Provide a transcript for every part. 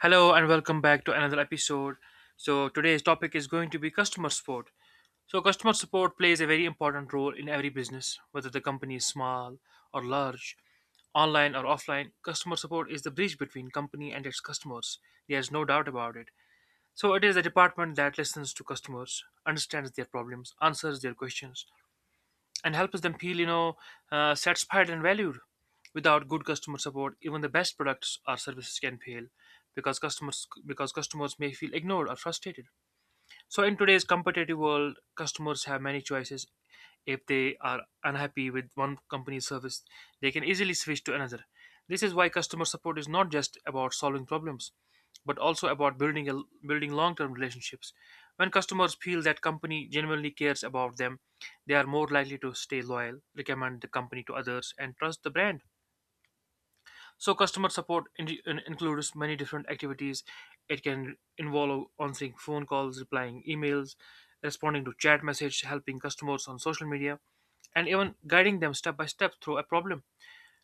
Hello and welcome back to another episode. So today's topic is going to be customer support. So customer support plays a very important role in every business, whether the company is small or large, online or offline. Customer support is the bridge between company and its customers. There's no doubt about it. So it is the department that listens to customers, understands their problems, answers their questions, and helps them feel, satisfied and valued. Without good customer support, even the best products or services can fail because customers may feel ignored or frustrated. So, in today's competitive world, customers have many choices. If they are unhappy with one company's service, they can easily switch to another. This is why customer support is not just about solving problems, but also about building long-term relationships. When customers feel that company genuinely cares about them, they are more likely to stay loyal, recommend the company to others, and trust the brand. So customer support includes many different activities. It can involve answering phone calls, replying emails, responding to chat message, helping customers on social media, and even guiding them step by step through a problem.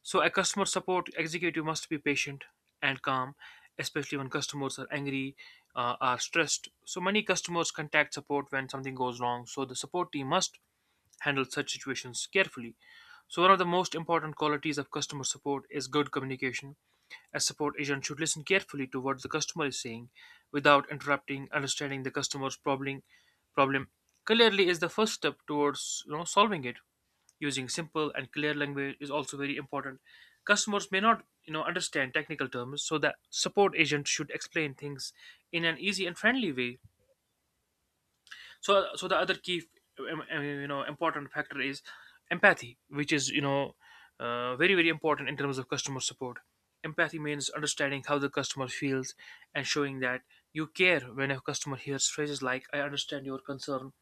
So a customer support executive must be patient and calm, especially when customers are angry, are stressed. So many customers contact support when something goes wrong. So the support team must handle such situations carefully. So one of the most important qualities of customer support is good communication. A support agent should listen carefully to what the customer is saying without interrupting. Understanding the customer's problem clearly is the first step towards solving it. Using simple and clear language is also very important. Customers may not understand technical terms, so the support agent should explain things in an easy and friendly way. So the other key important factor is empathy, which is very very important in terms of customer support. Empathy means understanding how the customer feels and showing that you care. When a customer hears phrases like I understand your concern,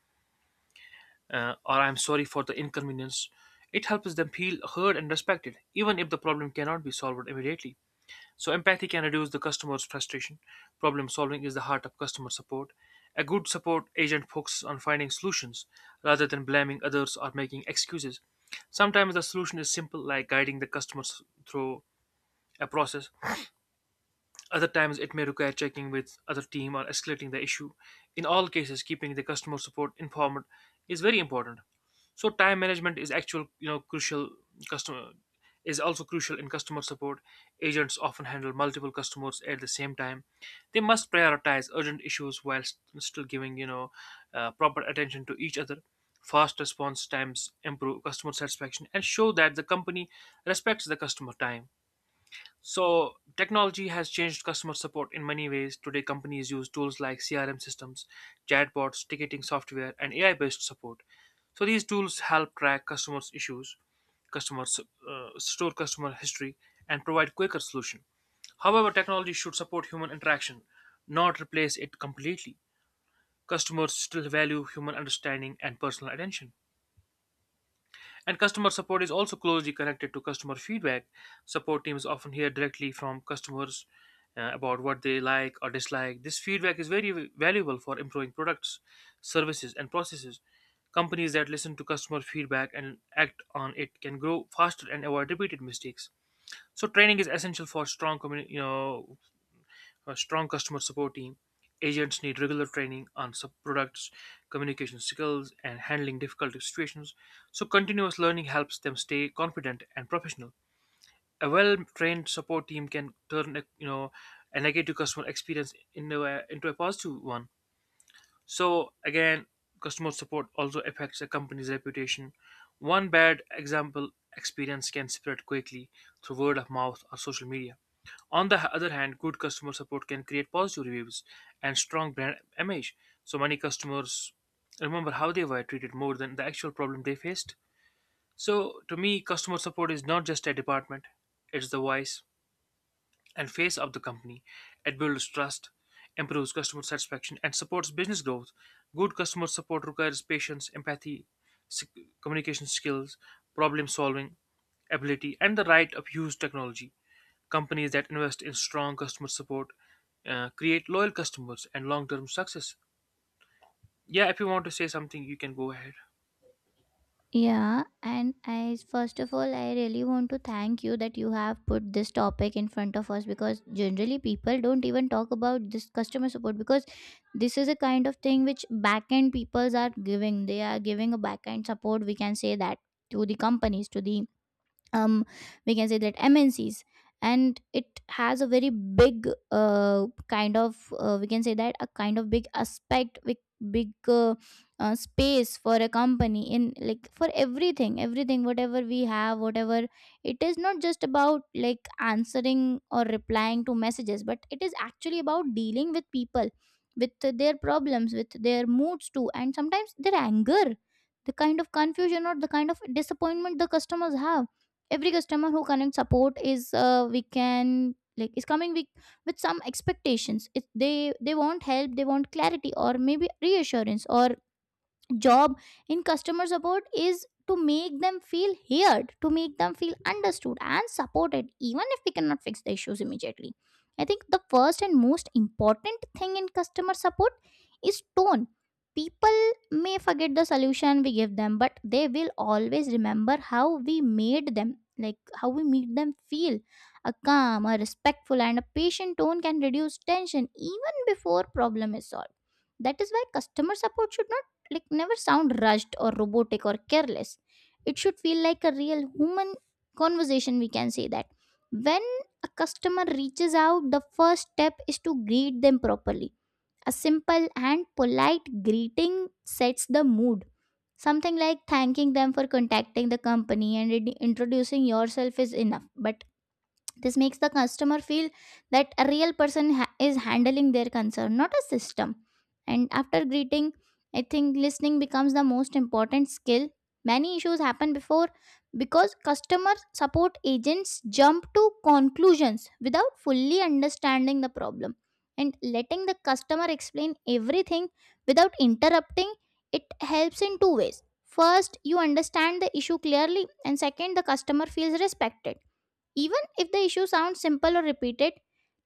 or I'm sorry for the inconvenience, it helps them feel heard and respected even if the problem cannot be solved immediately. So empathy can reduce the customer's frustration. Problem solving is the heart of customer support. A good support agent focuses on finding solutions rather than blaming others or making excuses. Sometimes the solution is simple, like guiding the customers through a process. Other times it may require checking with other team or escalating the issue. In all cases, keeping the customer support informed is very important. So time management is actual you know crucial. Customer Is also crucial in customer support. Agents often handle multiple customers at the same time. They must prioritize urgent issues while still giving proper attention to each other. Fast response times improve customer satisfaction and show that the company respects the customer time. So, technology has changed customer support in many ways. Today, companies use tools like CRM systems, chatbots, ticketing software, and AI based support. So, these tools help track customers' issues, customers, store customer history, and provide quicker solution. However, technology should support human interaction, not replace it completely. Customers still value human understanding and personal attention. And customer support is also closely connected to customer feedback. Support teams often hear directly from customers about what they like or dislike. This feedback is very valuable for improving products, services, and processes. Companies that listen to customer feedback and act on it can grow faster and avoid repeated mistakes. So training is essential for strong communi- you know a strong customer support team. Agents need regular training on sub products, communication skills, and handling difficult situations. So, continuous learning helps them stay confident and professional. A well-trained support team can turn a negative customer experience into a positive one. So again, customer support also affects a company's reputation. One bad example experience can spread quickly through word of mouth or social media. On the other hand, good customer support can create positive reviews and strong brand image. So many customers remember how they were treated more than the actual problem they faced. So to me, customer support is not just a department, it's the voice, and face of the company. It builds trust, improves customer satisfaction, and supports business growth. Good customer support requires patience, empathy, s- communication skills, problem solving ability, and the right of use technology. Companies that invest in strong customer support create loyal customers and long term success. Yeah, if you want to say something, you can go ahead. Yeah, and I first of all, I really want to thank you that you have put this topic in front of us because generally people don't even talk about this customer support because this is a kind of thing which backend peoples are giving. They are giving a backend support, we can say that to the companies, to the um we can say that MNCs. And it has a very big kind of we can say that a kind of big aspect, big, big space for a company in, like, for everything whatever we have, whatever it is, not just about like answering or replying to messages, but it is actually about dealing with people with their problems, with their moods too, and sometimes their anger, the kind of confusion or the kind of disappointment the customers have. Every customer who connects support is, we can, like, is coming with some expectations. It, they want help, they want clarity or maybe reassurance. Or job in customer support is to make them feel heard, to make them feel understood and supported, even if we cannot fix the issues immediately. I think the first and most important thing in customer support is tone. People may forget the solution we give them, but they will always remember how we made them, like how we made them feel. A calm, a respectful and a patient tone can reduce tension even before problem is solved. That is why customer support should not, like, never sound rushed or robotic or careless. It should feel like a real human conversation, we can say that. When a customer reaches out, the first step is to greet them properly. A simple and polite greeting sets the mood. Something like thanking them for contacting the company and introducing yourself is enough, but this makes the customer feel that a real person is handling their concern, not a system. And after greeting, I think listening becomes the most important skill. Many issues happen before because customer support agents jump to conclusions without fully understanding the problem. And letting the customer explain everything without interrupting, it helps in two ways. First, you understand the issue clearly, and second, the customer feels respected. Even if the issue sounds simple or repeated,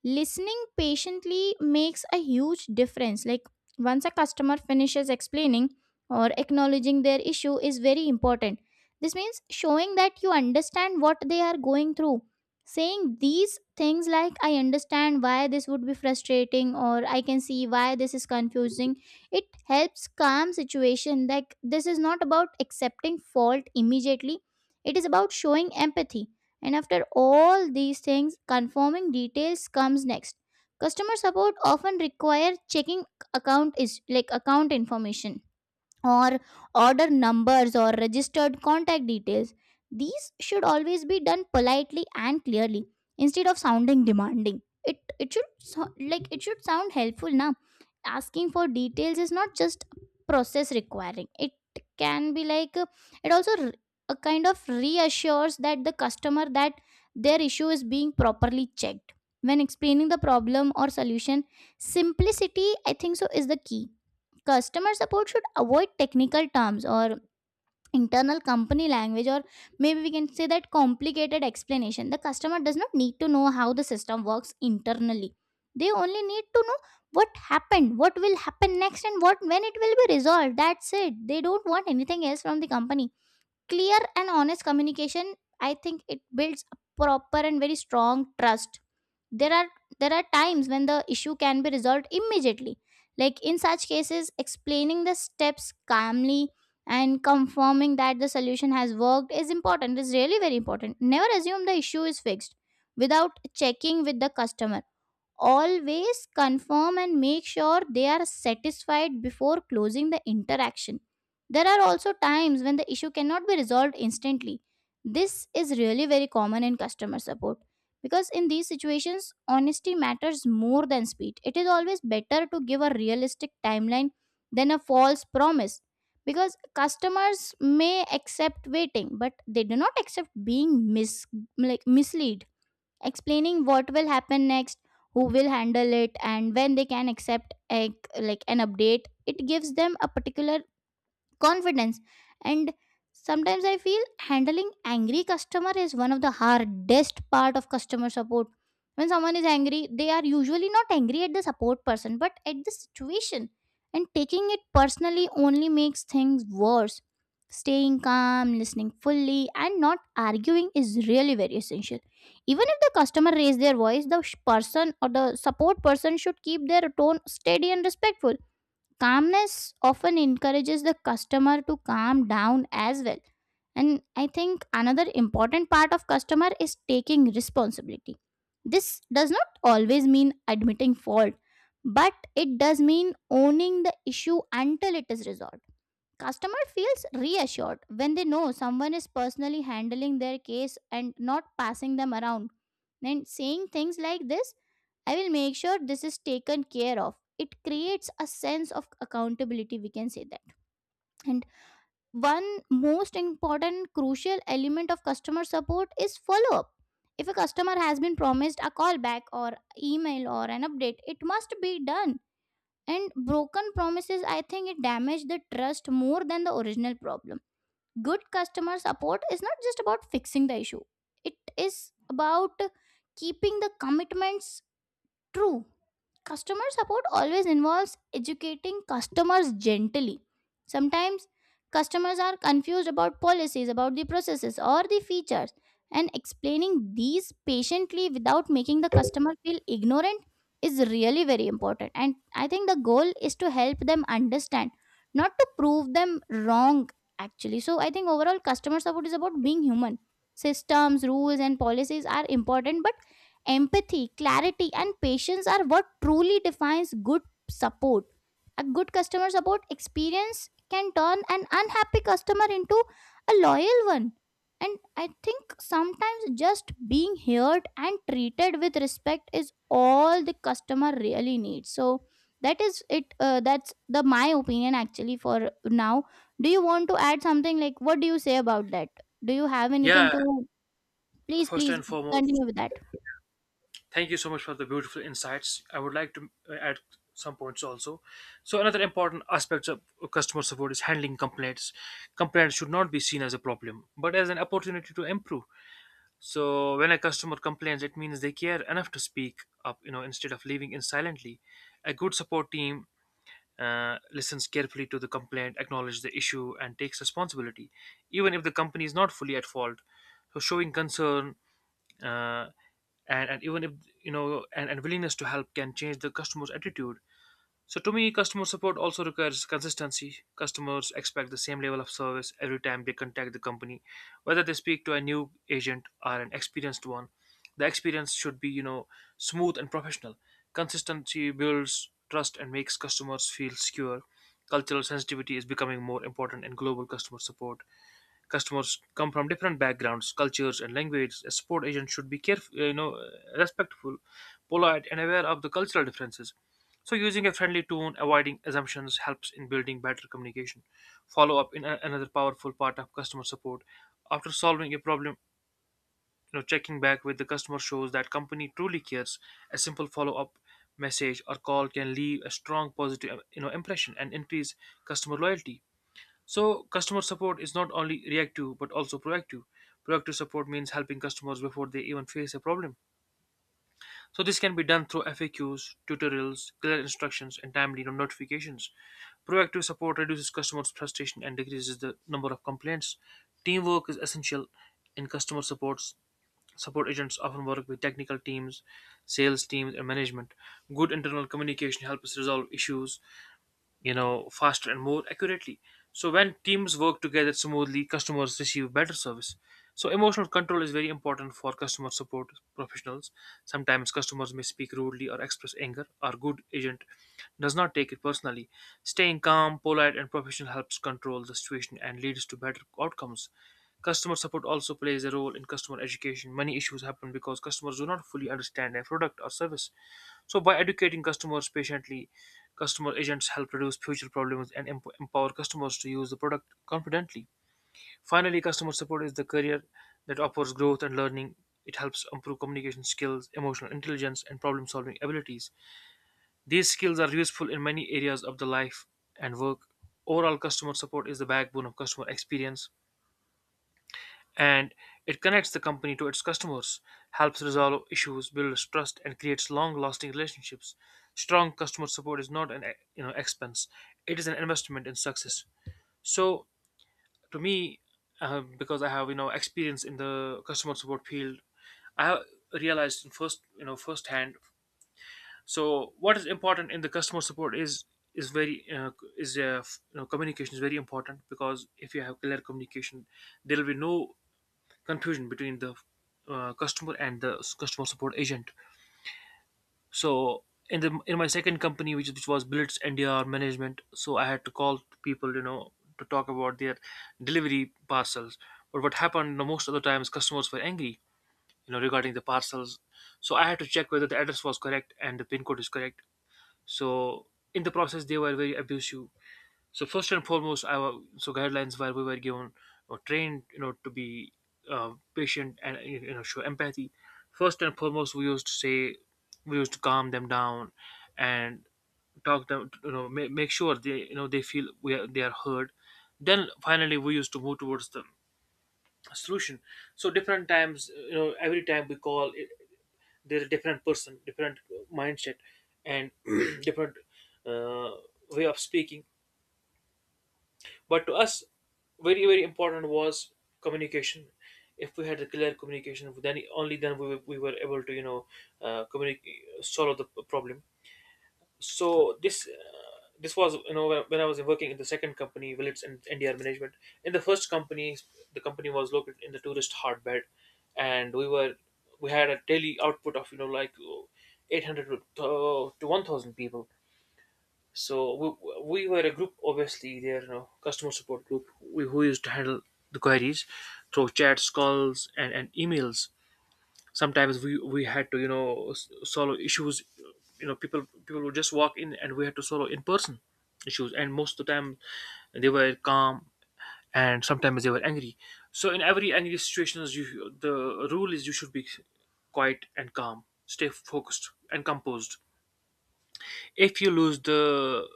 listening patiently makes a huge difference. Like once a customer finishes explaining or acknowledging their issue is very important. This means showing that you understand what they are going through. Saying these things like I understand why this would be frustrating, or I can see why this is confusing. It helps calm situation. Like this is not about accepting fault immediately. It is about showing empathy. And after all these things, confirming details comes next. Customer support often require checking account, is like account information or order numbers or registered contact details. These should always be done politely and clearly instead of sounding demanding. It should so, like it should sound helpful now. Asking for details is not just process requiring. It can be like, it also a kind of reassures that the customer that their issue is being properly checked. When explaining the problem or solution, simplicity, I think so, is the key. Customer support should avoid technical terms or internal company language, or maybe we can say that complicated explanation. The customer does not need to know how the system works internally. They only need to know what happened, what will happen next, and what when it will be resolved. That's it. They don't want anything else from the company. Clear and honest communication, I think it builds a proper and very strong trust. There are there are times when the issue can be resolved immediately, like in such cases explaining the steps calmly and confirming that the solution has worked is important, is really very important. Never assume the issue is fixed without checking with the customer. Always confirm and make sure they are satisfied before closing the interaction. There are also times when the issue cannot be resolved instantly. This is really very common in customer support because in these situations, honesty matters more than speed. It is always better to give a realistic timeline than a false promise, because customers may accept waiting, but they do not accept being like misled. Explaining what will happen next, who will handle it, and when they can accept a, like an update, it gives them a particular confidence. And sometimes I feel handling angry customer is one of the hardest part of customer support. When someone is angry, they are usually not angry at the support person but at the situation, and taking it personally only makes things worse. Staying calm, listening fully and not arguing is really very essential. Even if the customer raise their voice, the person or the support person should keep their tone steady and respectful. Calmness often encourages the customer to calm down as well. And I think another important part of customer is taking responsibility. This does not always mean admitting fault, but it does mean owning the issue until it is resolved. Customer feels reassured when they know someone is personally handling their case and not passing them around. And saying things like this, I will make sure this is taken care of. It creates a sense of accountability, we can say that. And one most important crucial element of customer support is follow up. If a customer has been promised a callback or email or an update, it must be done. And broken promises, I think it damage the trust more than the original problem. Good customer support is not just about fixing the issue, it is about keeping the commitments. True. Customer support always involves educating customers gently. Sometimes customers are confused about policies, about the processes, or the features, and explaining these patiently without making the customer feel ignorant is really very important. And I think the goal is to help them understand, not to prove them wrong, actually. So I think overall, customer support is about being human. Systems, rules, and policies are important, but empathy, clarity, and patience are what truly defines good support. A good customer support experience can turn an unhappy customer into a loyal one. And I think sometimes just being heard and treated with respect is all the customer really needs. So that is it. That's the my opinion actually for now. Do you want to add something? Like, what do you say about that? Do you have anything Yeah, to? Please, first please and foremost, continue with that. thank you so much for the beautiful insights. I would like to add some points also. So another important aspect of customer support is handling complaints. Complaints should not be seen as a problem, but as an opportunity to improve. So when a customer complains, it means they care enough to speak up, you know, instead of leaving in silently. A good support team listens carefully to the complaint, acknowledges the issue, and takes responsibility, even if the company is not fully at fault. So showing concern uh, and even if , and willingness to help can change the customer's attitude. So to me, customer support also requires consistency. Customers expect the same level of service every time they contact the company, whether they speak to a new agent or an experienced one. The experience should be smooth and professional. Consistency builds trust and makes customers feel secure. Cultural sensitivity is becoming more important in global customer support. Customers come from different backgrounds, cultures, and languages. A support agent should be careful, respectful, polite, and aware of the cultural differences. So, using a friendly tone, avoiding assumptions helps in building better communication. Follow up in another powerful part of customer support. After solving a problem, you know, checking back with the customer shows that company truly cares. A simple follow up message or call can leave a strong positive, impression and increase customer loyalty. So, customer support is not only reactive but also proactive. Proactive support means helping customers before they even face a problem. So, this can be done through FAQs, tutorials, clear instructions, and timely notifications. Proactive support reduces customers' frustration and decreases the number of complaints. Teamwork is essential in customer supports. Support agents often work with technical teams, sales teams, and management. Good internal communication helps resolve issues faster and more accurately. So when teams work together smoothly, customers receive better service. So emotional control is very important for customer support professionals. Sometimes customers may speak rudely or express anger. Our good agent does not take it personally. Staying calm, polite and professional helps control the situation and leads to better outcomes. Customer support also plays a role in customer education. Many issues happen because customers do not fully understand a product or service. So by educating customers patiently, customer agents help reduce future problems and empower customers to use the product confidently. Finally, customer support is the career that offers growth and learning. It helps improve communication skills, emotional intelligence, and problem solving abilities. These skills are useful in many areas of the life and work. Overall, customer support is the backbone of customer experience and it connects the company to its customers, helps resolve issues, builds trust, and creates long-lasting relationships. Strong customer support is not an expense; it is an investment in success. So, to me, because I have experience in the customer support field, I have realized in firsthand. So, what is important in the customer support is very is f- you know communication is very important because if you have clear communication, there will be no confusion between the customer and the customer support agent. So in my second company, which was Billets NDR Management, so I had to call people, you know, to talk about their delivery parcels. But what happened, you know, most of the times, customers were angry, you know, regarding the parcels. So I had to check whether the address was correct and the pin code is correct. So in the process, they were very abusive. So first and foremost, our so guidelines where we were given or trained, you know, to be patient and you know show empathy. First and foremost, we used to calm them down and talk them, you know, make sure they they feel they are heard. Then finally, we used to move towards the solution. So different times, every time we call, there's a different person, different mindset, and different uh, way of speaking, but to us, very very important was communication. If we had a clear communication, then only then we were able to communicate, solve the problem. So this was, you know, when when I was working in the second company, Willits and NDR Management. In the first company, the company was located in the tourist hotbed, and we had a daily output of, you know, like 800 to 1,000 people. So we were a group, obviously, there, you know, customer support group, we, who used to handle the queries through chats, calls, and emails. Sometimes we had to, you know, solve issues. You know, people would just walk in, and we had to solve in person issues. And most of the time, they were calm, and sometimes they were angry. So in every angry situations, you, the rule is you should be quiet and calm, stay focused and composed. If you lose the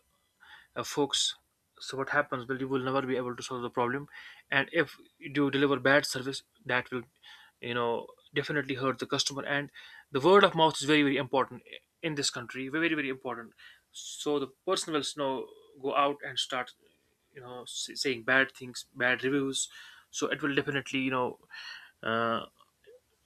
folks, so what happens, well, you will never be able to solve the problem. And if you do deliver bad service, that will, you know, definitely hurt the customer. And the word of mouth is very very important in this country, very very important. So the person will, you know, go out and start, you know, saying bad things, bad reviews. So it will definitely, uh,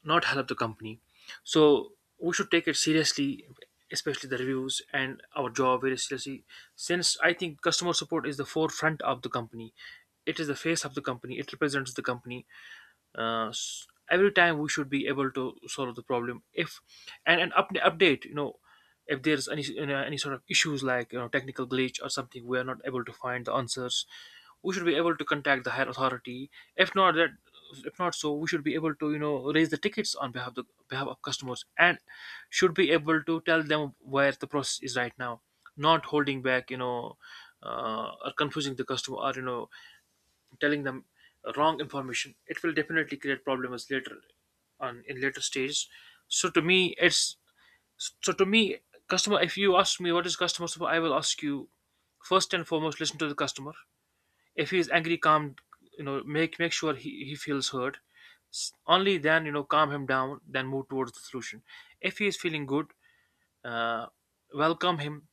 not help the company. So we should take it seriously, especially the reviews, and our job very seriously. Since I think customer support is the forefront of the company, it is the face of the company. It represents the company. Every time we should be able to solve the problem if, and an update, you know, if there's any, you know, any sort of issues, like, you know, technical glitch or something, we are not able to find the answers, we should be able to contact the higher authority. If not that, if not, so we should be able to, you know, raise the tickets on behalf of the behalf of customers, and should be able to tell them where the process is right now, not holding back, or confusing the customer, or, you know, telling them wrong information. It will definitely create problems later on, in later stages. So to me, it's so to me, customer, if you ask me what is customer support, I will ask you, first and foremost, listen to the customer. If he is angry, calm, you know, make sure he feels heard. Only then, you know, calm him down, then move towards the solution. If he is feeling good, uh, welcome him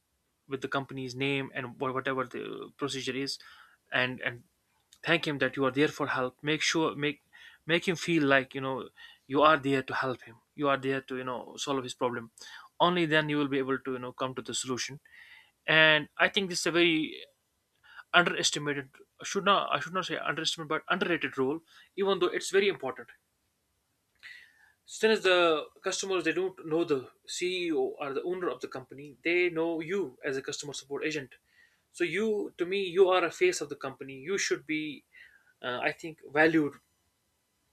with the company's name and whatever the procedure is, and thank him that you are there for help. Make sure, make him feel like, you know, you are there to help him, you are there to, you know, solve his problem. Only then you will be able to, you know, come to the solution. And I think this is a very underestimated, should not, I should not say underestimated, but underrated role, even though it's very important. Still, as the customers, they don't know the CEO or the owner of the company. They know you as a customer support agent. So you, to me, you are a face of the company. You should be, I think, valued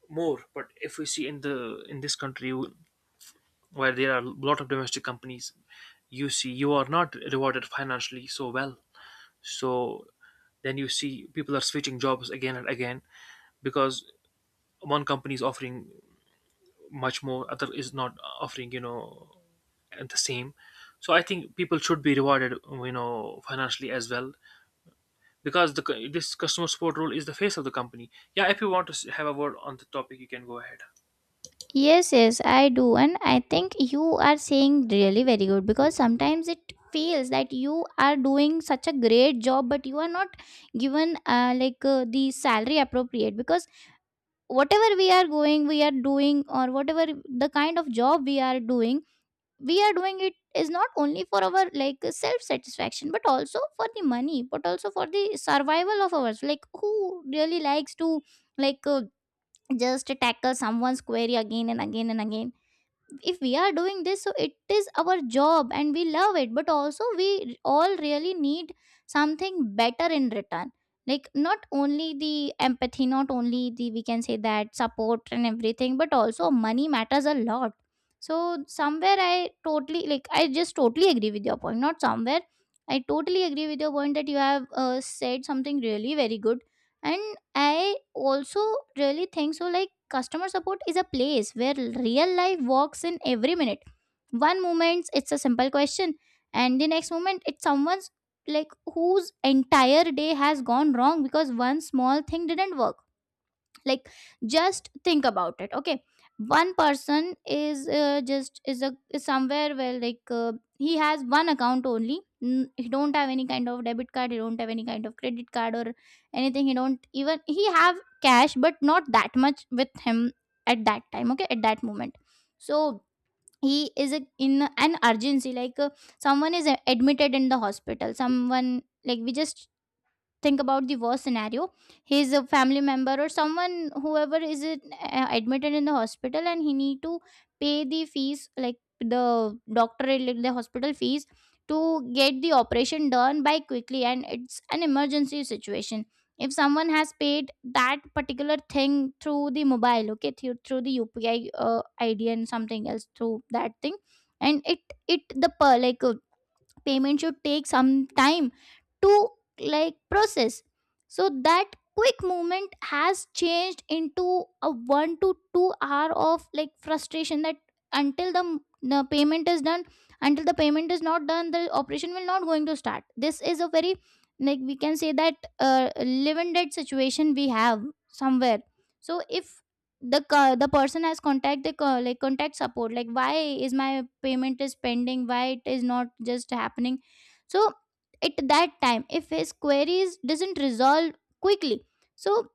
more. But if we see in the in this country where there are a lot of domestic companies, you see you are not rewarded financially so well. So then you see people are switching jobs again and again, because one company is offering much more, other is not offering, you know, the same. So I think people should be rewarded, you know, financially as well, because the this customer support role is the face of the company. Yeah, if you want to have a word on the topic, you can go ahead. Yes, yes, I do. And I think you are saying really very good, because sometimes it feels that you are doing such a great job, but you are not given, like the salary appropriate, because whatever we are going, we are doing, or whatever the kind of job we are doing, we are doing, it is not only for our like self satisfaction, but also for the money, but also for the survival of ours. Like who really likes to like, just tackle someone's query again and again and again? If we are doing this, so it is our job and we love it, but also we all really need something better in return, like not only the empathy, not only the, we can say that, support and everything, but also money matters a lot. So somewhere I totally, like I just totally agree with your point. Not somewhere, I totally agree with your point that you have, said something really very good. And I also really think so, like customer support is a place where real life walks in every minute. One moment it's a simple question, and the next moment it's someone's, like, whose entire day has gone wrong because one small thing didn't work. Like, just think about it, okay? One person is, just is a, is somewhere where like, he has one account only. He don't have any kind of debit card, he don't have any kind of credit card or anything. He don't even, he have cash, but not that much with him at that time, okay, at that moment. So he is a, in an urgency, like, someone is, admitted in the hospital. Someone, like, we just think about the worst scenario. His family member or someone, whoever is it, admitted in the hospital, and he need to pay the fees, like the doctor, like the hospital fees, to get the operation done by quickly, and it's an emergency situation. If someone has paid that particular thing through the mobile, okay, through the UPI ID and something else through that thing, and it the per like, payment should take some time to like process. So that quick movement has changed into a 1 to 2 hour of like frustration that until The payment is done. Until the payment is not done the operation will not going to start. This is a very like we can say that live and dead situation we have somewhere. So if the person has contact the co- like contact support like why is my payment is pending, why it is not just happening. So at that time if his queries doesn't resolve quickly, so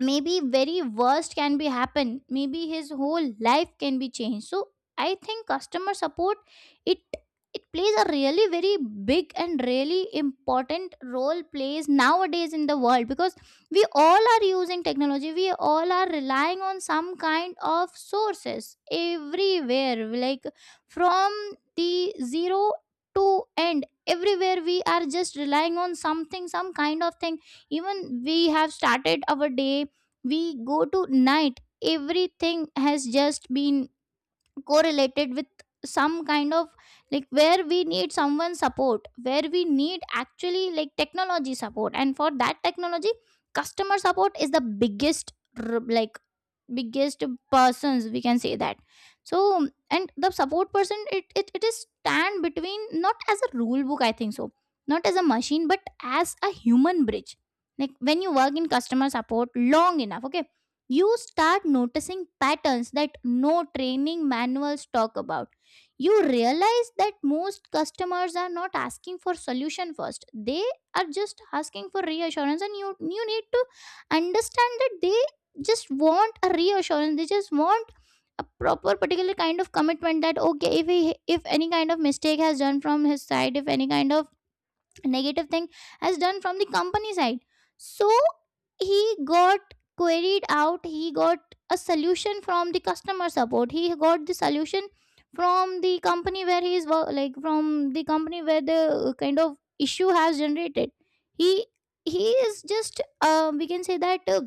maybe very worst can be happen, maybe his whole life can be changed. So I think customer support it it plays a really very big and really important role plays nowadays in the world, because we all are using technology, we all are relying on some kind of sources everywhere, like from the zero to end everywhere we are just relying on something, some kind of thing. Even we have started our day, we go to night, everything has just been correlated with some kind of like where we need someone support, where we need actually like technology support. And for that technology customer support is the biggest biggest persons we can say that. So and the support person it is stand between, not as a rule book I think so, not as a machine but as a human bridge. Like when you work in customer support long enough, okay, you start noticing patterns that no training manuals talk about. You realize that most customers are not asking for solution first, they are just asking for reassurance, and you need to understand that they just want a reassurance, they just want a proper particular kind of commitment that okay if he if any kind of mistake has done from his side, if any kind of negative thing has done from the company side, so he got queried out, he got a solution from the customer support, he got the solution from the company where he is wo- like from the company where the kind of issue has generated. he he is just we can say that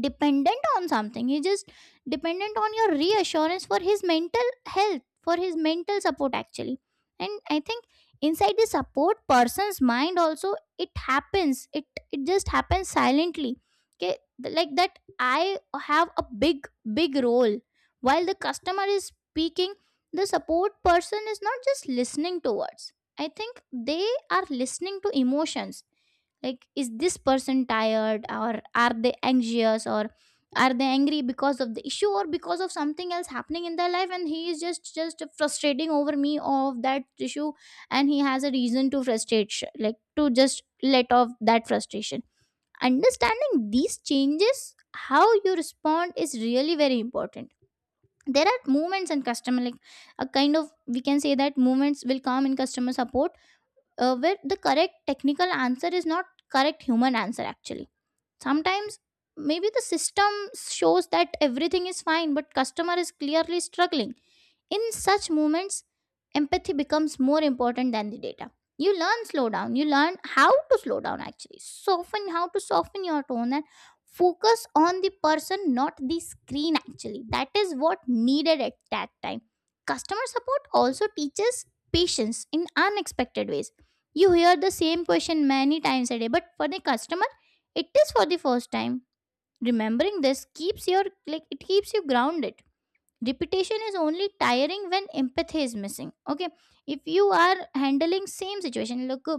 dependent on something, he's just dependent on your reassurance for his mental health, for his mental support actually. And I think inside the support person's mind also it happens, it just happens silently. Okay, like that I have a big big role. While the customer is speaking, the support person is not just listening towards, I think they are listening to emotions. Like is this person tired, or are they anxious, or are they angry because of the issue or because of something else happening in their life and he is just frustrating over me of that issue. And he has a reason to frustrate to just let off that frustration. Understanding these changes how you respond is really very important. There are moments in customer like a kind of we can say that moments will come in customer support where the correct technical answer is not correct human answer actually. Sometimes maybe the system shows that everything is fine but customer is clearly struggling. In such moments, empathy becomes more important than the data. You learn how to slow down actually. Soften How to soften your tone and focus on the person, not the screen actually. That is what needed at that time. Customer support also teaches patience in unexpected ways. You hear the same question many times a day, but for the customer, it is for the first time. Remembering this keeps your like it keeps you grounded. Repetition is only tiring when empathy is missing. Okay, if you are handling same situation, look,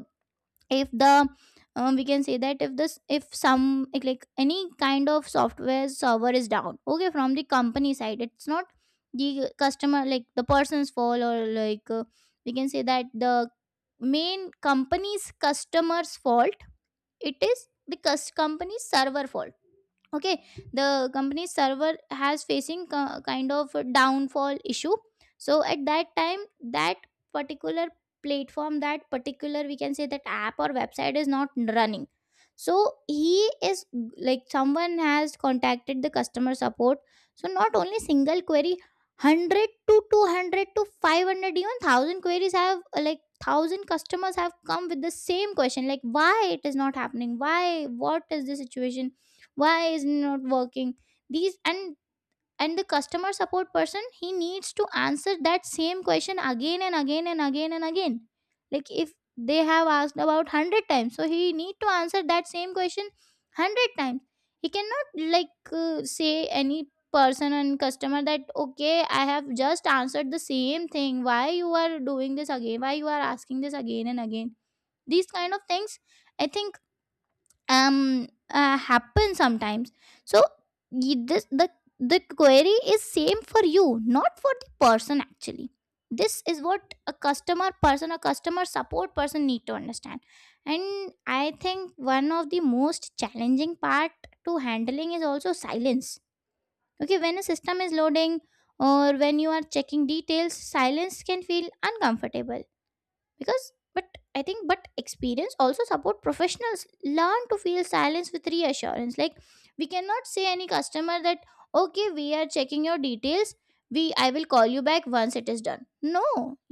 if the we can say that if this if some like any kind of software server is down, okay, from the company side it's not the customer like the person's fault or like, we can say that the main company's customers fault, it is the company's server fault. Okay, the company's server has facing kind of a downfall issue. So at that time that particular platform, that particular we can say that app or website is not running. So he is like someone has contacted the customer support, so not only single query, 100 to 200 to 500 even 1000 queries have thousand customers have come with the same question like why it is not happening, why, what is the situation, why is it not working, these. And the customer support person he needs to answer that same question again and again and again and again, like if they have asked about 100 times, so he need to answer that same question 100 times. He cannot like say any person and customer that okay I have just answered the same thing, why you are doing this again, why you are asking this again and again. These kind of things, I think, um happen sometimes. So this the query is same for you, not for the person actually. This is what a customer person, a customer support person need to understand. And I think one of the most challenging part to handling is also silence. Okay, when a system is loading or when you are checking details, silence can feel uncomfortable because but I think but experience also support professionals learn to feel silence with reassurance. Like we cannot say any customer that okay we are checking your details, we I will call you back once it is done. No,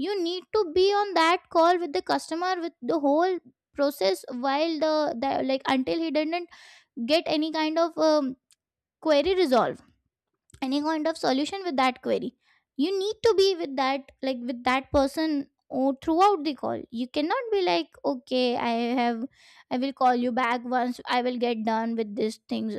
you need to be on that call with the customer with the whole process while the like until he didn't get any kind of query resolved, any kind of solution with that query. You need to be with that like with that person or throughout the call. You cannot be like okay have I will call you back once I will get done with these things.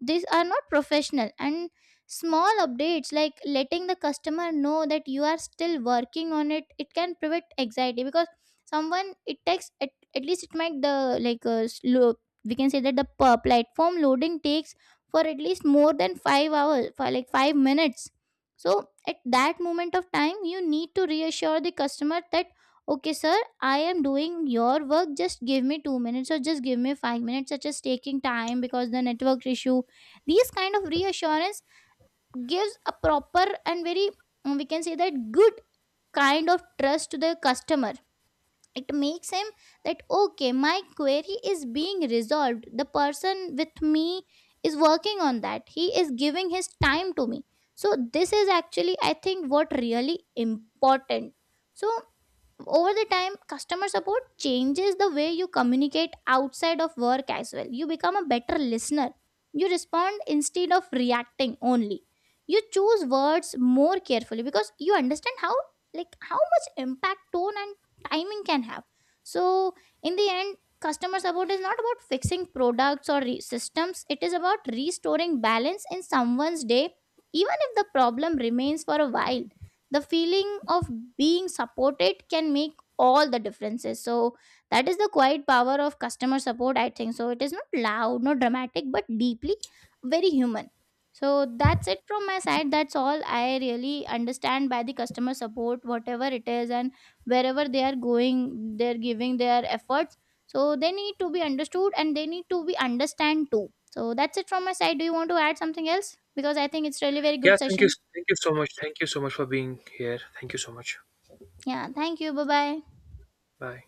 These are not professional. And small updates like letting the customer know that you are still working on it, it can prevent anxiety, because someone at least it might the like slow we can say that the per platform loading takes for at least more than 5 hours for like 5 minutes. So at that moment of time you need to reassure the customer that okay sir, I am doing your work, just give me 2 minutes or just give me 5 minutes, such as taking time because the network issue. These kind of reassurance gives a proper and very we can say that good kind of trust to the customer. It makes him that okay my query is being resolved, the person with me is working on that, he is giving his time to me. So this is actually I think what really important. So over the time customer support changes the way you communicate outside of work as well. You become a better listener, you respond instead of reacting only, you choose words more carefully because you understand how like how much impact tone and timing can have. So in the end customer support is not about fixing products or systems, it is about restoring balance in someone's day. Even if the problem remains for a while, the feeling of being supported can make all the differences. So that is the quiet power of customer support I think so. It is not loud, not dramatic, but deeply very human. So that's it from my side, that's all I really understand by the customer support, whatever it is, and wherever they are going, they're giving their efforts. So they need to be understood and they need to be understand too. So that's it from my side. Do you want to add something else? Because I think it's really very Yeah, good thank you, session. thank you so much, thank you so much for being here, thank you so much. Yeah, thank you, bye bye. Bye.